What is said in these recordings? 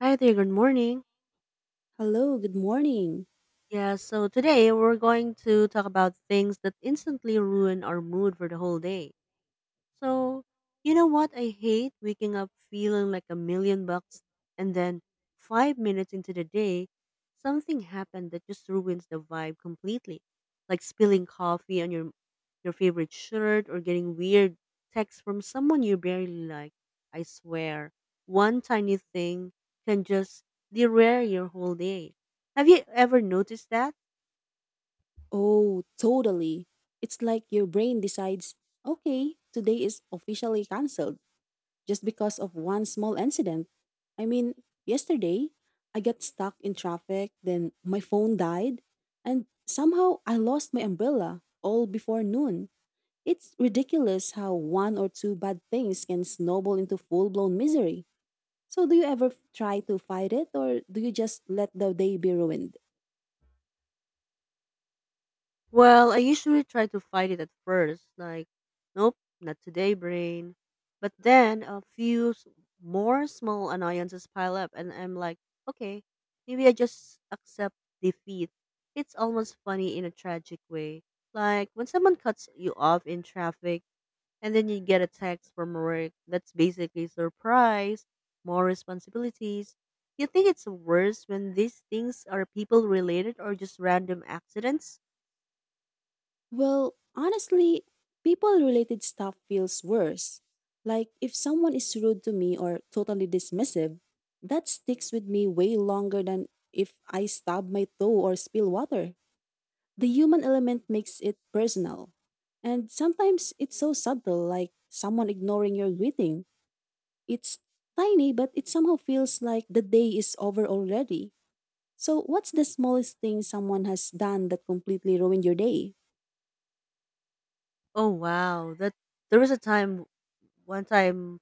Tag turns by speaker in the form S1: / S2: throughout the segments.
S1: Hi there, good morning.
S2: Hello, good morning.
S1: Yeah, so today we're going to talk about things that instantly ruin our mood for the whole day. So, you know what? I hate waking up feeling like a million bucks, and then 5 minutes into the day, something happened that just ruins the vibe completely. Like spilling coffee on your favorite shirt, or getting weird texts from someone you barely like. I swear, one tiny thing can just derail your whole day. Have you ever noticed that?
S2: Oh, totally. It's like your brain decides, okay, today is officially cancelled just because of one small incident. I mean, yesterday, I got stuck in traffic, then my phone died, and somehow I lost my umbrella all before noon. It's ridiculous how one or two bad things can snowball into full blown misery. So, do you ever try to fight it, or do you just let the day be ruined?
S1: Well, I usually try to fight it at first, like, nope, not today, brain. But then more small annoyances pile up, and I'm like, okay, maybe I just accept defeat. It's almost funny in a tragic way. Like, when someone cuts you off in traffic, and then you get a text from work that's basically surprise, more responsibilities. You think it's worse when these things are people related or just random accidents?
S2: Well, honestly, people related stuff feels worse. Like if someone is rude to me or totally dismissive, that sticks with me way longer than if I stub my toe or spill water. The human element makes it personal. And sometimes it's so subtle, like someone ignoring your greeting. It's tiny, but it somehow feels like the day is over already. So, what's the smallest thing someone has done that completely ruined your day?
S1: Oh wow, that there was a time, one time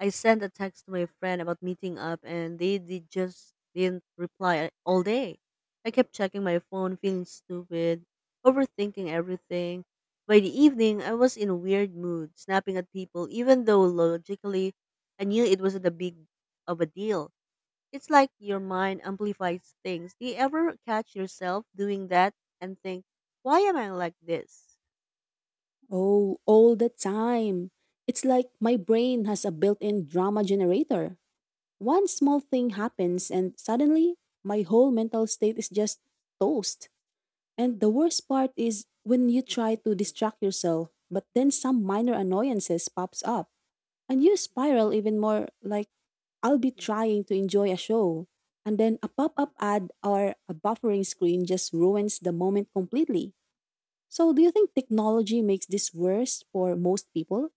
S1: I sent a text to my friend about meeting up, and they just didn't reply all day. I kept checking my phone, feeling stupid, overthinking everything. By the evening, I was in a weird mood, snapping at people, even though logically I knew it wasn't a big of a deal. It's like your mind amplifies things. Do you ever catch yourself doing that and think, why am I like this?
S2: Oh, all the time. It's like my brain has a built in drama generator. One small thing happens, and suddenly my whole mental state is just toast. And the worst part is when you try to distract yourself, but then some minor annoyances pops up, and you spiral even more like I'll be trying to enjoy a show. And then a pop up ad or a buffering screen just ruins the moment completely. So, do you think technology makes this worse for most people?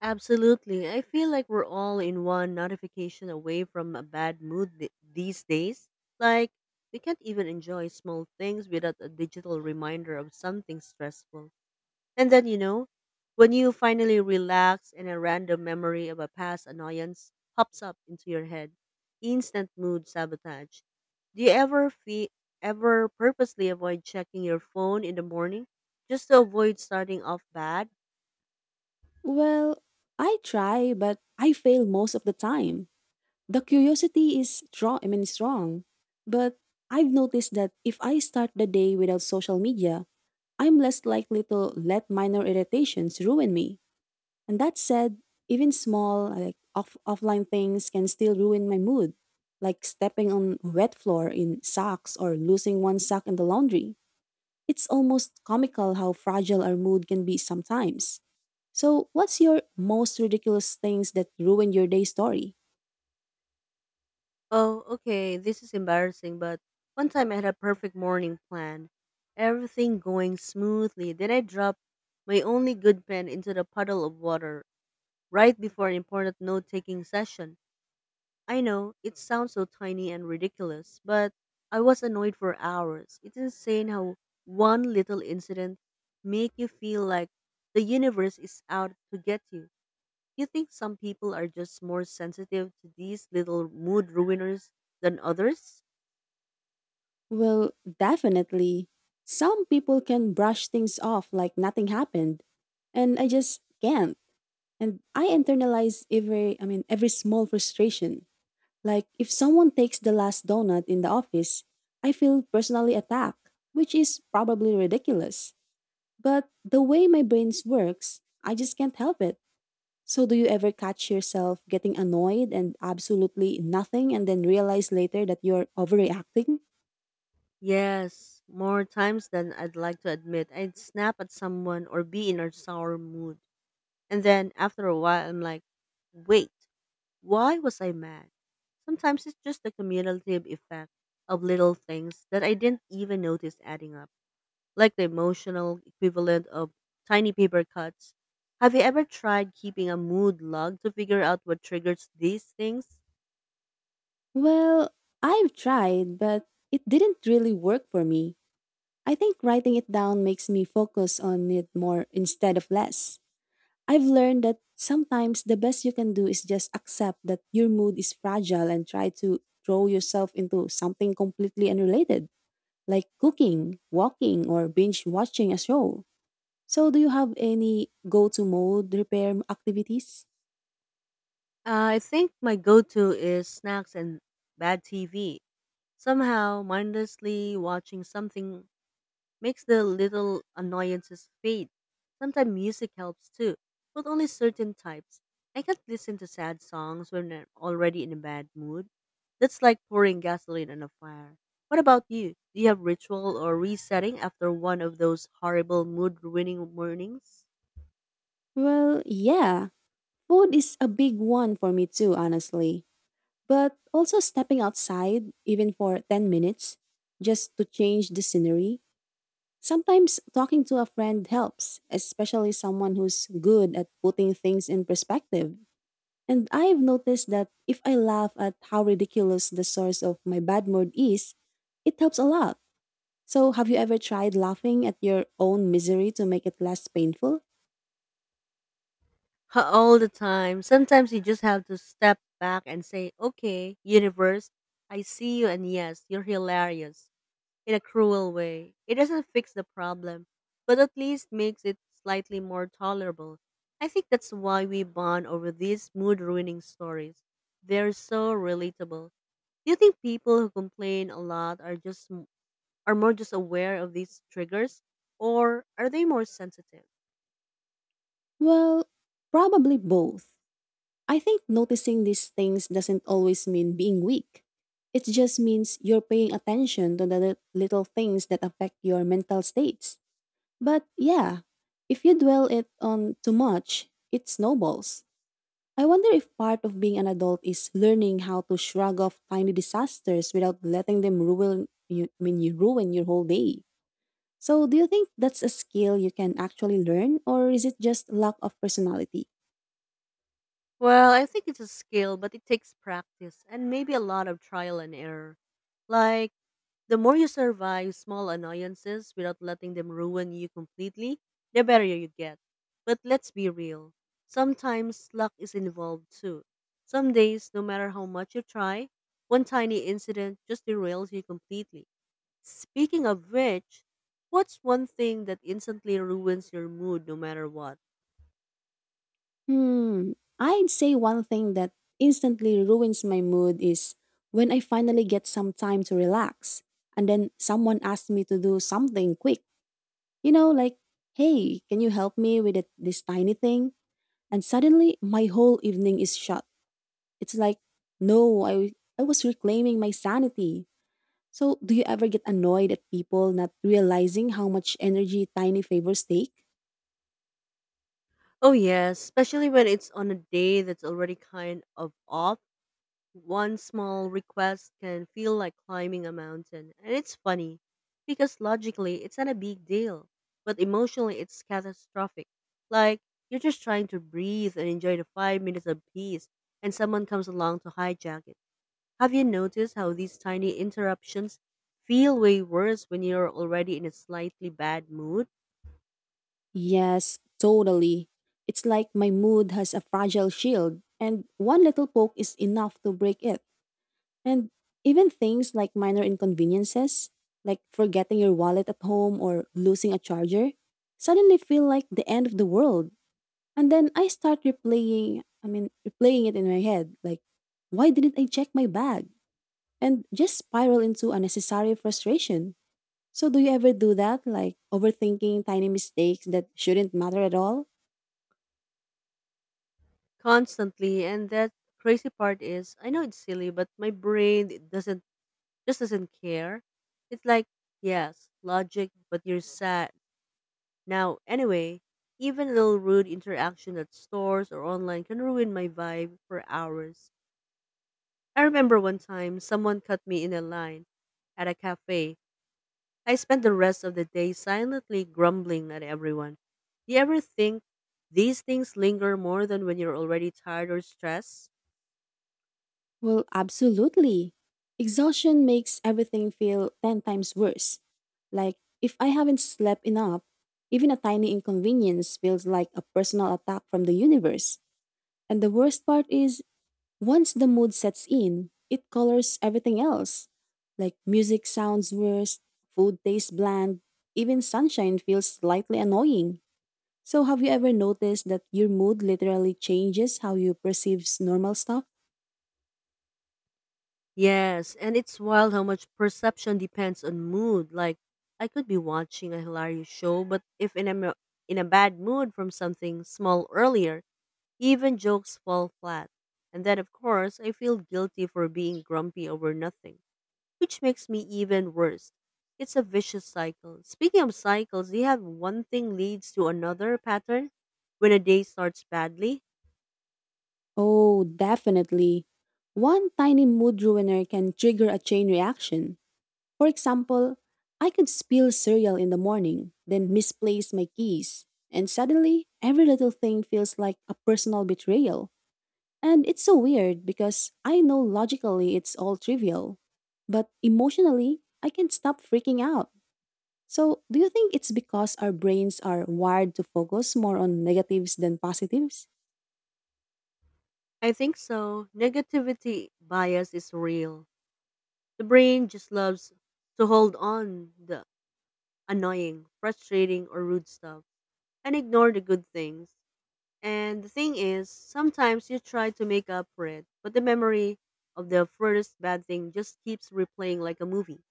S1: Absolutely. I feel like we're all in one notification away from a bad mood these days. Like, we can't even enjoy small things without a digital reminder of something stressful. And then, you know, when you finally relax and a random memory of a past annoyance pops up into your head, instant mood sabotage. Do you ever purposely avoid checking your phone in the morning just to avoid starting off bad?
S2: Well, I try, but I fail most of the time. The curiosity is strong, strong. But I've noticed that if I start the day without social media, I'm less likely to let minor irritations ruin me. And that said, even small, like offline things can still ruin my mood, like stepping on wet floor in socks or losing one sock in the laundry. It's almost comical how fragile our mood can be sometimes. So, what's your most ridiculous things that ruin your day story?
S1: Oh, okay, this is embarrassing, but one time I had a perfect morning plan, everything going smoothly. Then I dropped my only good pen into the puddle of water right before an important note taking session. I know, it sounds so tiny and ridiculous, but I was annoyed for hours. It's insane how one little incident make you feel like the universe is out to get you. You think some people are just more sensitive to these little mood ruiners than others?
S2: Well, definitely. Some people can brush things off like nothing happened, and I just can't. And I internalize every small frustration. Like if someone takes the last donut in the office, I feel personally attacked, which is probably ridiculous. But the way my brains works, I just can't help it. So, do you ever catch yourself getting annoyed and absolutely nothing and then realize later that you're overreacting?
S1: Yes, more times than I'd like to admit, I'd snap at someone or be in a sour mood. And then after a while, I'm like, wait, why was I mad? Sometimes it's just the cumulative effect of little things that I didn't even notice adding up, like the emotional equivalent of tiny paper cuts. Have you ever tried keeping a mood log to figure out what triggers these things?
S2: Well, I've tried, but it didn't really work for me. I think writing it down makes me focus on it more instead of less. I've learned that sometimes the best you can do is just accept that your mood is fragile and try to throw yourself into something completely unrelated, like cooking, walking, or binge watching a show. So, do you have any go to mode repair activities?
S1: I think my go to is snacks and bad TV. Somehow, mindlessly watching something makes the little annoyances fade. Sometimes music helps too, but only certain types. I can't listen to sad songs when I'm already in a bad mood. That's like pouring gasoline on a fire. What about you? Do you have ritual or resetting after one of those horrible mood ruining mornings?
S2: Well, yeah. Food is a big one for me too, honestly. But also stepping outside, even for 10 minutes, just to change the scenery. Sometimes talking to a friend helps, especially someone who's good at putting things in perspective. And I've noticed that if I laugh at how ridiculous the source of my bad mood is, it helps a lot. So, have you ever tried laughing at your own misery to make it less painful?
S1: All the time. Sometimes you just have to step back and say, okay, universe, I see you, and yes, you're hilarious. In a cruel way. It doesn't fix the problem, but at least makes it slightly more tolerable. I think that's why we bond over these mood ruining stories. They're so relatable. Do you think people who complain a lot are more just aware of these triggers, or are they more sensitive?
S2: Well, probably both. I think noticing these things doesn't always mean being weak. It just means you're paying attention to the little things that affect your mental states. But yeah, if you dwell it on too much, it snowballs. I wonder if part of being an adult is learning how to shrug off tiny disasters without letting them ruin you I mean you ruin your whole day. So, do you think that's a skill you can actually learn, or is it just lack of personality?
S1: Well, I think it's a skill, but it takes practice and maybe a lot of trial and error. Like, the more you survive small annoyances without letting them ruin you completely, the better you get. But let's be real. Sometimes luck is involved too. Some days, no matter how much you try, one tiny incident just derails you completely. Speaking of which, what's one thing that instantly ruins your mood no matter what?
S2: Hmm, I'd say one thing that instantly ruins my mood is when I finally get some time to relax, and then someone asks me to do something quick. You know, like, hey, can you help me with it, this tiny thing? And suddenly, my whole evening is shut. It's like, no, I was reclaiming my sanity. So, do you ever get annoyed at people not realizing how much energy tiny favors take?
S1: Oh, yes, especially when it's on a day that's already kind of off. One small request can feel like climbing a mountain, and it's funny because logically it's not a big deal, but emotionally it's catastrophic. Like, you're just trying to breathe and enjoy the 5 minutes of peace, and someone comes along to hijack it. Have you noticed how these tiny interruptions feel way worse when you're already in a slightly bad mood?
S2: Yes, totally. It's like my mood has a fragile shield, and one little poke is enough to break it. And even things like minor inconveniences, like forgetting your wallet at home or losing a charger, suddenly feel like the end of the world. And then I start replaying it in my head, like, why didn't I check my bag? And just spiral into unnecessary frustration. So, do you ever do that? Like overthinking tiny mistakes that shouldn't matter at all?
S1: Constantly, and that crazy part is I know it's silly, but my brain doesn't just doesn't care. It's like, yes, logic, but you're sad. Now, anyway, even a little rude interaction at stores or online can ruin my vibe for hours. I remember one time someone cut me in a line at a cafe. I spent the rest of the day silently grumbling at everyone. Do you ever think these things linger more than when you're already tired or stressed?
S2: Well, absolutely. Exhaustion makes everything feel 10 times worse. Like, if I haven't slept enough, even a tiny inconvenience feels like a personal attack from the universe. And the worst part is, once the mood sets in, it colors everything else. Like music sounds worse, food tastes bland, even sunshine feels slightly annoying. So, have you ever noticed that your mood literally changes how you perceive normal stuff?
S1: Yes, and it's wild how much perception depends on mood. Like, I could be watching a hilarious show, but if in a bad mood from something small earlier, even jokes fall flat. And then, of course, I feel guilty for being grumpy over nothing, which makes me even worse. It's a vicious cycle. Speaking of cycles, do you have one thing leads to another pattern when a day starts badly?
S2: Oh, definitely. One tiny mood ruiner can trigger a chain reaction. For example, I could spill cereal in the morning, then misplace my keys, and suddenly every little thing feels like a personal betrayal. And it's so weird because I know logically it's all trivial, but emotionally, I can't stop freaking out. So, do you think it's because our brains are wired to focus more on negatives than positives?
S1: I think so. Negativity bias is real. The brain just loves to hold on the annoying, frustrating, or rude stuff, and ignore the good things. And the thing is, sometimes you try to make up for it, but the memory of the furthest bad thing just keeps replaying like a movie.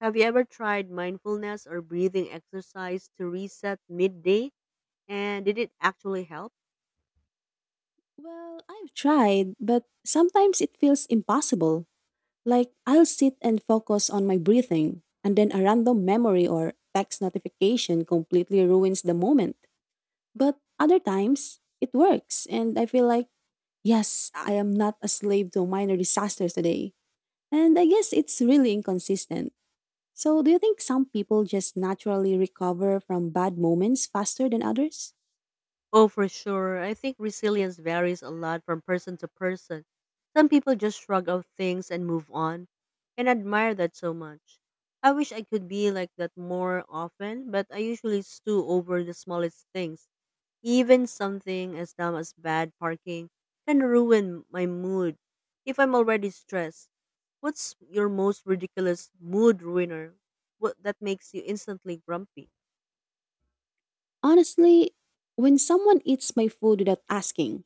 S1: Have you ever tried mindfulness or breathing exercise to reset midday? And did it actually help?
S2: Well, I've tried, but sometimes it feels impossible. Like, I'll sit and focus on my breathing, and then a random memory or text notification completely ruins the moment. But other times, it works, and I feel like, yes, I am not a slave to minor disasters today. And I guess it's really inconsistent. So, do you think some people just naturally recover from bad moments faster than others?
S1: Oh, for sure. I think resilience varies a lot from person to person. Some people just shrug off things and move on, and admire that so much. I wish I could be like that more often, but I usually stew over the smallest things. Even something as dumb as bad parking can ruin my mood if I'm already stressed. What's your most ridiculous mood ruiner? What that makes you instantly grumpy?
S2: Honestly, when someone eats my food without asking,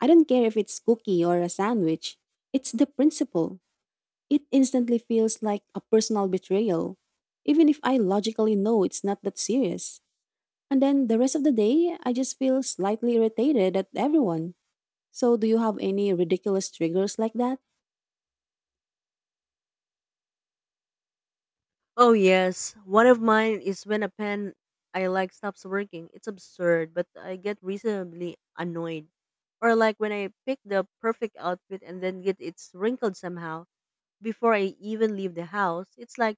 S2: I don't care if it's cookie or a sandwich, it's the principle. It instantly feels like a personal betrayal, even if I logically know it's not that serious. And then the rest of the day, I just feel slightly irritated at everyone. So, do you have any ridiculous triggers like that?
S1: Oh yes, one of mine is when a pen I like stops working. It's absurd, but I get reasonably annoyed. Or like when I pick the perfect outfit and then get it wrinkled somehow before I even leave the house. It's like,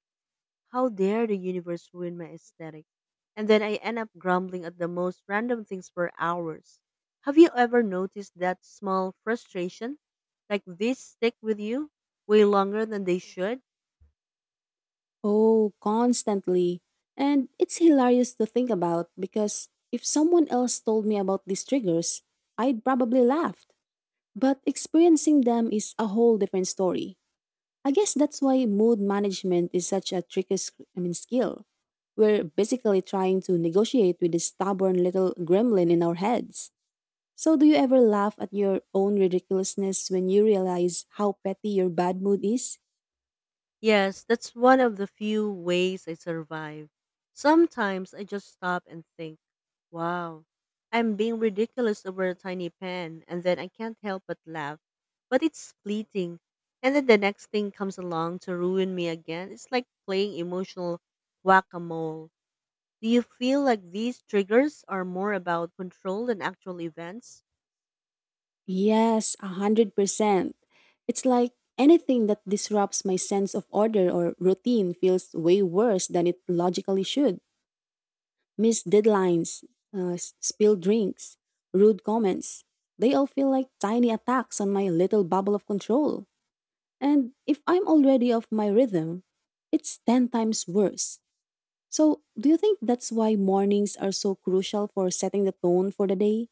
S1: how dare the universe ruin my aesthetic? And then I end up grumbling at the most random things for hours. Have you ever noticed that small frustration? Like these stick with you way longer than they should?
S2: Oh, constantly. And it's hilarious to think about because if someone else told me about these triggers, I'd probably laughed. But experiencing them is a whole different story. I guess that's why mood management is such a tricky skill. We're basically trying to negotiate with this stubborn little gremlin in our heads. So, do you ever laugh at your own ridiculousness when you realize how petty your bad mood is?
S1: Yes, that's one of the few ways I survive. Sometimes I just stop and think, wow, I'm being ridiculous over a tiny pen, and then I can't help but laugh. But it's fleeting. And then the next thing comes along to ruin me again. It's like playing emotional whack a mole. Do you feel like these triggers are more about control than actual events?
S2: Yes, 100%. It's like anything that disrupts my sense of order or routine feels way worse than it logically should. Missed deadlines, spilled drinks, rude comments. They all feel like tiny attacks on my little bubble of control. And if I'm already off my rhythm, it's 10 times worse. So, do you think that's why mornings are so crucial for setting the tone for the day?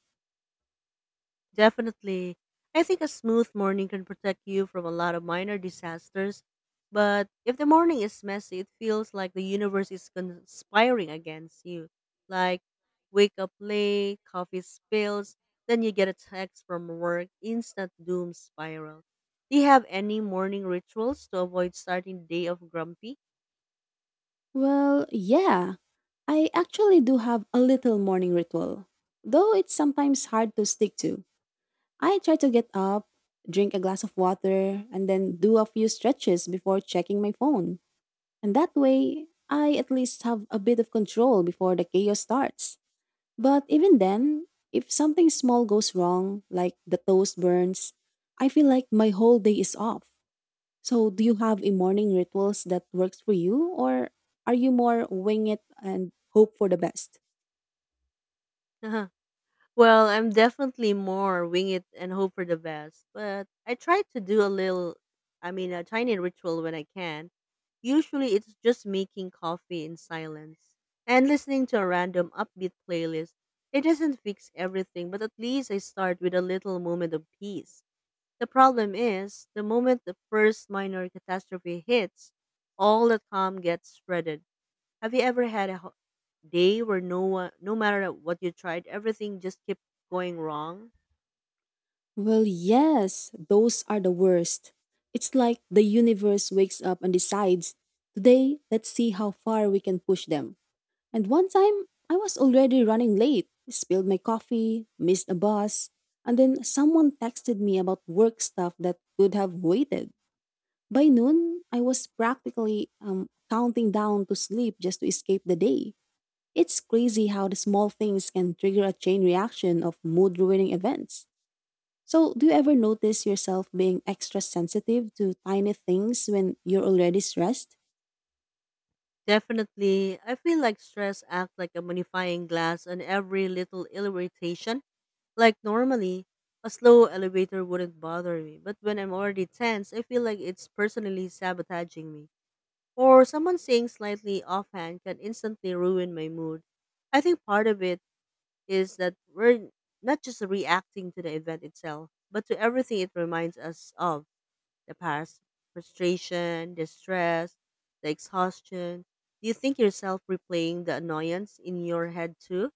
S1: Definitely. I think a smooth morning can protect you from a lot of minor disasters, but if the morning is messy, it feels like the universe is conspiring against you. Like, wake up late, coffee spills, then you get a text from work, instant doom spiral. Do you have any morning rituals to avoid starting the day off grumpy?
S2: Well, yeah, I actually do have a little morning ritual, though it's sometimes hard to stick to. I try to get up, drink a glass of water, and then do a few stretches before checking my phone. And that way, I at least have a bit of control before the chaos starts. But even then, if something small goes wrong, like the toast burns, I feel like my whole day is off. So, do you have a morning rituals that works for you, or are you more wing it and hope for the best?
S1: Well, I'm definitely more wing it and hope for the best, but I try to do a little, I mean, a tiny ritual when I can. Usually it's just making coffee in silence and listening to a random upbeat playlist. It doesn't fix everything, but at least I start with a little moment of peace. The problem is, the moment the first minor catastrophe hits, all the calm gets shredded. Have you ever had a day where no one, no matter what you tried, everything just kept going wrong?
S2: Well, yes, those are the worst. It's like the universe wakes up and decides, today, let's see how far we can push them. And one time, I was already running late, spilled my coffee, missed a bus, and then someone texted me about work stuff that could have waited. By noon, I was practically counting down to sleep just to escape the day. It's crazy how the small things can trigger a chain reaction of mood ruining events. So, do you ever notice yourself being extra sensitive to tiny things when you're already stressed?
S1: Definitely, I feel like stress acts like a magnifying glass on every little irritation. Like normally, a slow elevator wouldn't bother me, but when I'm already tense, I feel like it's personally sabotaging me. Or someone saying slightly offhand can instantly ruin my mood. I think part of it is that we're not just reacting to the event itself, but to everything it reminds us of, the past frustration, the stress, the exhaustion. Do you think yourself replaying the annoyance in your head too?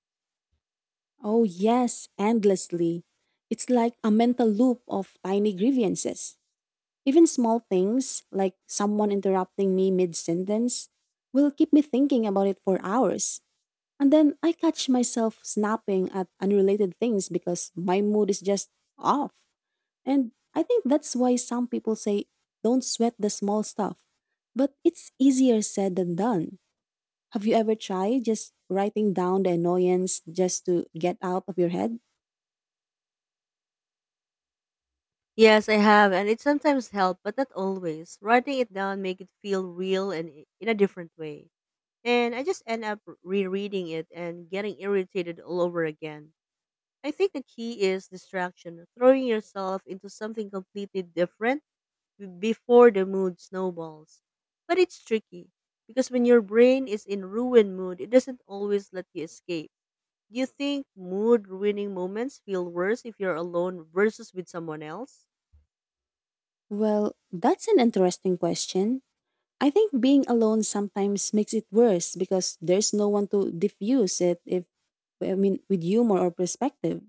S2: Oh, yes, endlessly. It's like a mental loop of tiny grievances. Even small things, like someone interrupting me mid sentence, will keep me thinking about it for hours. And then I catch myself snapping at unrelated things because my mood is just off. And I think that's why some people say, don't sweat the small stuff. But it's easier said than done. Have you ever tried just writing down the annoyance just to get out of your head?
S1: Yes, I have, and it sometimes helps, but not always. Writing it down make it feel real and in a different way. And I just end up rereading it and getting irritated all over again. I think the key is distraction, throwing yourself into something completely different before the mood snowballs. But it's tricky because when your brain is in ruin mood, it doesn't always let you escape. Do you think mood ruining moments feel worse if you're alone versus with someone else?
S2: Well, that's an interesting question. I think being alone sometimes makes it worse because there's no one to diffuse it if I mean with humor or perspective.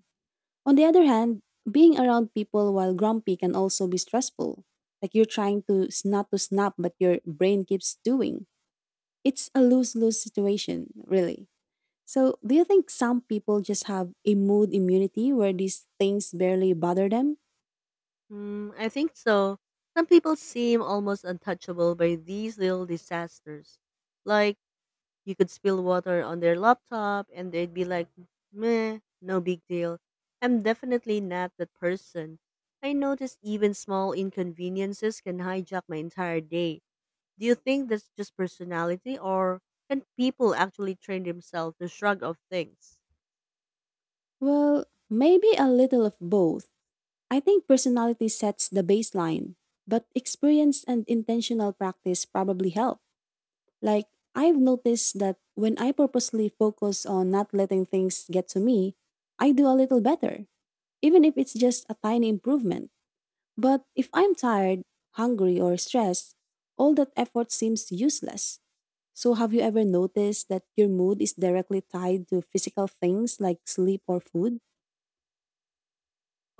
S2: On the other hand, being around people while grumpy can also be stressful. Like you're trying to not to snap, but your brain keeps doing. It's a lose lose situation, really. So, do you think some people just have a mood immunity where these things barely bother them?
S1: Hmm, I think so. Some people seem almost untouchable by these little disasters. Like, you could spill water on their laptop and they'd be like, meh, no big deal. I'm definitely not that person. I notice even small inconveniences can hijack my entire day. Do you think that's just personality, or can people actually train themselves to shrug off things?
S2: Well, maybe a little of both. I think personality sets the baseline, but experience and intentional practice probably help. Like, I've noticed that when I purposely focus on not letting things get to me, I do a little better, even if it's just a tiny improvement. But if I'm tired, hungry, or stressed, all that effort seems useless. So, have you ever noticed that your mood is directly tied to physical things like sleep or food?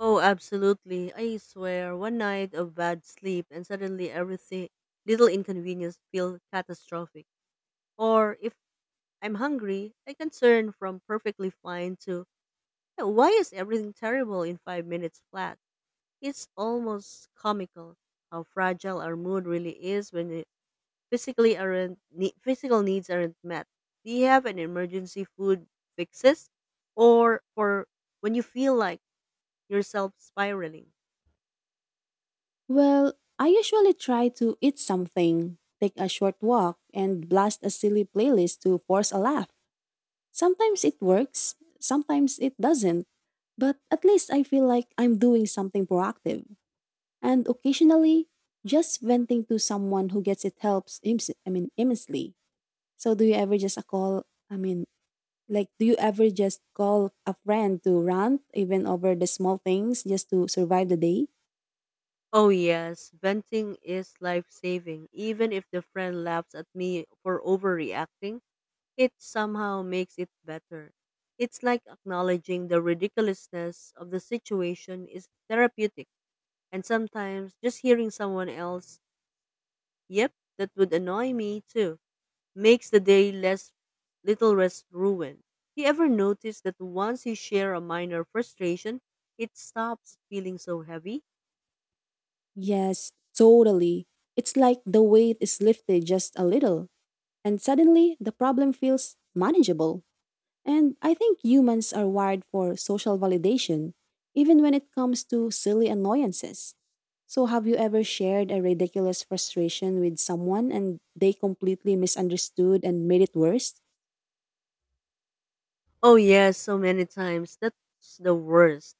S1: Oh, absolutely. I swear, one night of bad sleep and suddenly everything, little inconvenience feel catastrophic. Or if I'm hungry, I can turn from perfectly fine to, yeah, why is everything terrible in 5 minutes flat? It's almost comical how fragile our mood really is when it physical needs aren't met. Do you have an emergency food fixes, or for when you feel like yourself spiraling?
S2: Well, I usually try to eat something, take a short walk, and blast a silly playlist to force a laugh. Sometimes it works, sometimes it doesn't, but at least I feel like I'm doing something proactive. And occasionally, just venting to someone who gets it helps, immensely. So, do you ever just a call? I mean, like, do you ever just call a friend to rant, even over the small things, just to survive the day?
S1: Oh yes, venting is life saving. Even if the friend laughs at me for overreacting, it somehow makes it better. It's like acknowledging the ridiculousness of the situation is therapeutic. And sometimes just hearing someone else, yep, that would annoy me too, makes the day less, little less ruined. You ever notice that once you share a minor frustration, it stops feeling so heavy?
S2: Yes, totally. It's like the weight is lifted just a little, and suddenly the problem feels manageable. And I think humans are wired for social validation, even when it comes to silly annoyances. So, have you ever shared a ridiculous frustration with someone and they completely misunderstood and made it worse?
S1: Oh yes, so many times. That's the worst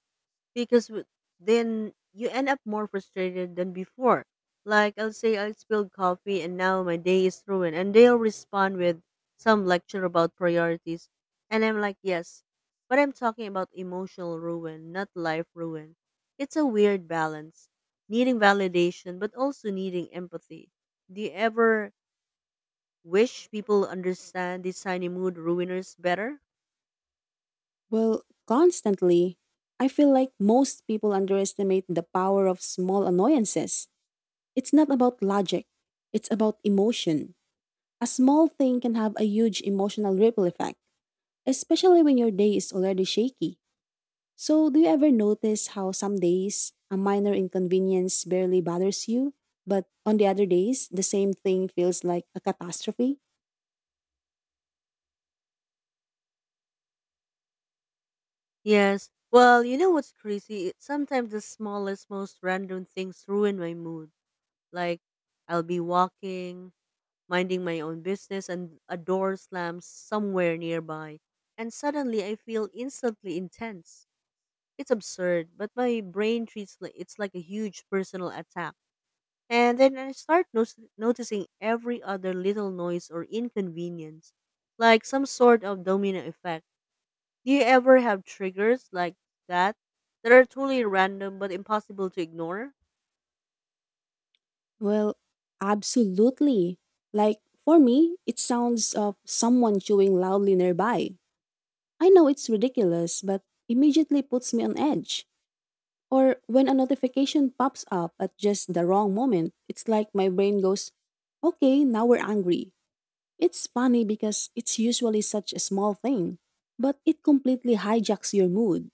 S1: because then you end up more frustrated than before. Like, I'll say I spilled coffee and now my day is ruined, and they'll respond with some lecture about priorities, and I'm like, yes, but I'm talking about emotional ruin, not life ruin. It's a weird balance, needing validation but also needing empathy. Do you ever wish people understand these tiny mood ruiners better?
S2: Well, constantly. I feel like most people underestimate the power of small annoyances. It's not about logic, it's about emotion. A small thing can have a huge emotional ripple effect, especially when your day is already shaky. So, do you ever notice how some days a minor inconvenience barely bothers you, but on the other days, the same thing feels like a catastrophe?
S1: Yes. Well, you know what's crazy? Sometimes the smallest, most random things ruin my mood. Like, I'll be walking, minding my own business, and a door slams somewhere nearby. And suddenly I feel instantly intense. It's absurd, but my brain it's like a huge personal attack. And then I start noticing every other little noise or inconvenience, like some sort of domino effect. Do you ever have triggers like that, that are totally random but impossible to ignore?
S2: Well, absolutely. Like, for me, it sounds of someone chewing loudly nearby. I know it's ridiculous, but immediately puts me on edge. Or when a notification pops up at just the wrong moment, it's like my brain goes, okay, now we're angry. It's funny because it's usually such a small thing, but it completely hijacks your mood.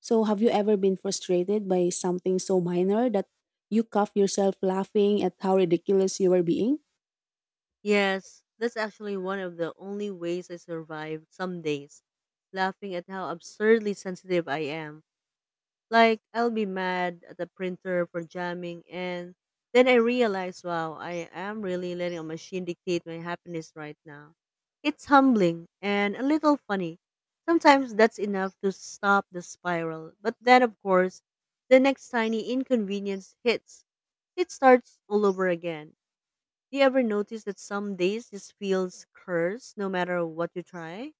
S2: So, have you ever been frustrated by something so minor that you cuff yourself laughing at how ridiculous you were being?
S1: Yes, that's actually one of the only ways I survive some days, laughing at how absurdly sensitive I am. Like, I'll be mad at the printer for jamming and then I realize, wow, I am really letting a machine dictate my happiness right now. It's humbling and a little funny. Sometimes that's enough to stop the spiral. But then of course, the next tiny inconvenience hits. It starts all over again. Do you ever notice that some days just feels cursed no matter what you try?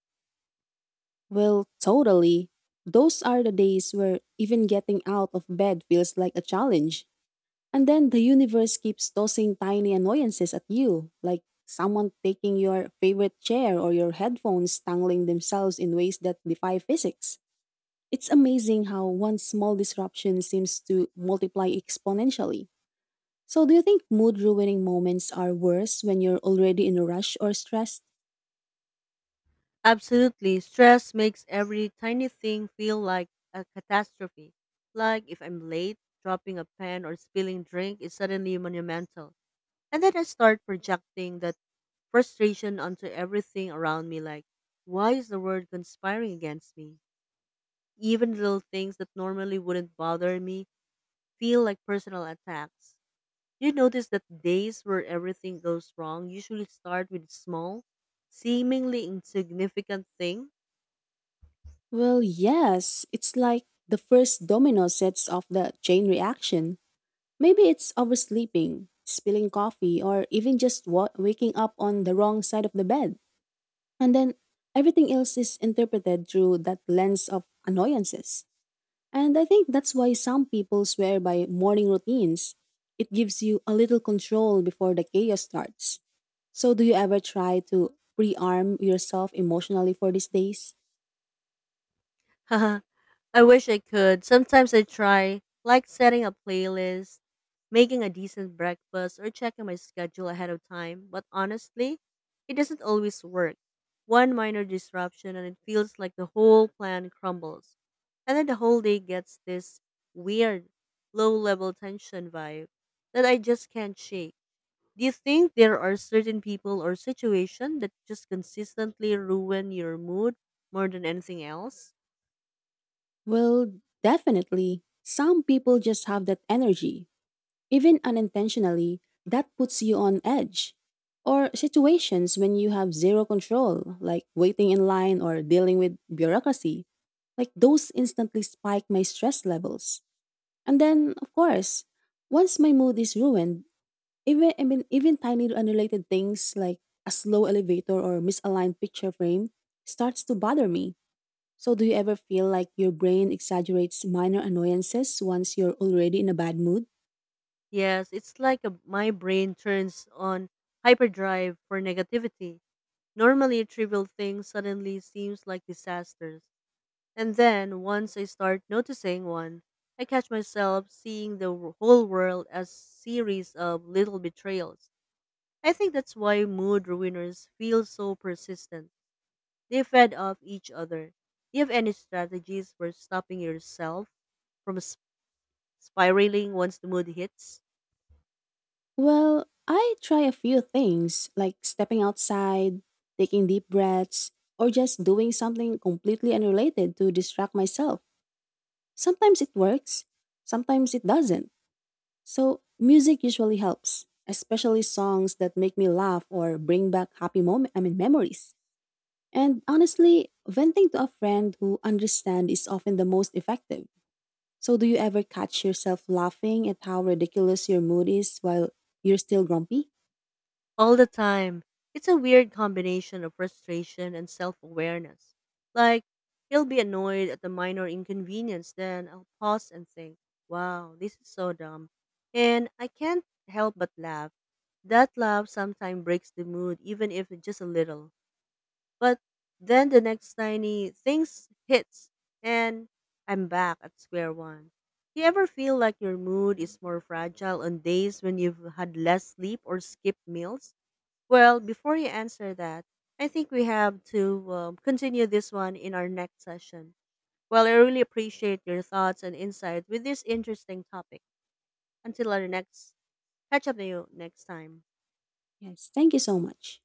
S2: Well, totally. Those are the days where even getting out of bed feels like a challenge. And then the universe keeps tossing tiny annoyances at you, like someone taking your favorite chair or your headphones tangling themselves in ways that defy physics. It's amazing how one small disruption seems to multiply exponentially. So, do you think mood ruining moments are worse when you're already in a rush or stressed?
S1: Absolutely. Stress makes every tiny thing feel like a catastrophe. Like, if I'm late, dropping a pen or spilling drink is suddenly monumental. And then I start projecting that frustration onto everything around me like, why is the world conspiring against me? Even little things that normally wouldn't bother me feel like personal attacks. You notice that days where everything goes wrong usually start with small, seemingly insignificant thing.
S2: Well, yes. It's like the first domino sets off the chain reaction. Maybe it's oversleeping, spilling coffee, or even just waking up on the wrong side of the bed. And then everything else is interpreted through that lens of annoyances. And I think that's why some people swear by morning routines. It gives you a little control before the chaos starts. So, do you ever try to pre arm yourself emotionally for these days?
S1: I wish I could. Sometimes I try, like setting a playlist, making a decent breakfast, or checking my schedule ahead of time, but honestly, it doesn't always work. One minor disruption, and it feels like the whole plan crumbles. And then the whole day gets this weird, low level tension vibe that I just can't shake. Do you think there are certain people or situations that just consistently ruin your mood more than anything else?
S2: Well, definitely. Some people just have that energy. Even unintentionally, that puts you on edge. Or situations when you have zero control, like waiting in line or dealing with bureaucracy. Like those instantly spike my stress levels. And then, of course, once my mood is ruined, even I mean even tiny unrelated things like a slow elevator or misaligned picture frame starts to bother me. So do you ever feel like your brain exaggerates minor annoyances once you're already in a bad mood?
S1: Yes, it's like a, my brain turns on hyperdrive for negativity. Normally, trivial things suddenly seems like disasters. And then, once I start noticing one, I catch myself seeing the whole world as series of little betrayals. I think that's why mood ruiners feel so persistent. They fed off each other. Do you have any strategies for stopping yourself from spiraling once the mood hits?
S2: Well, I try a few things like stepping outside, taking deep breaths, or just doing something completely unrelated to distract myself. Sometimes it works, sometimes it doesn't. So, music usually helps, especially songs that make me laugh or bring back happy moment I mean memories. And honestly, venting to a friend who understands is often the most effective. So, do you ever catch yourself laughing at how ridiculous your mood is while you're still grumpy?
S1: All the time. It's a weird combination of frustration and self awareness. Like, he'll be annoyed at the minor inconvenience, then I'll pause and think, wow, this is so dumb. And I can't help but laugh. That laugh sometimes breaks the mood, even if it's just a little. But then the next tiny things hits, and I'm back at square one. Do you ever feel like your mood is more fragile on days when you've had less sleep or skipped meals? Well, before you answer that, I think we have to continue this one in our next session. Well, I really appreciate your thoughts and insight with this interesting topic. Until our next, catch up to you next time.
S2: Yes, thank you so much.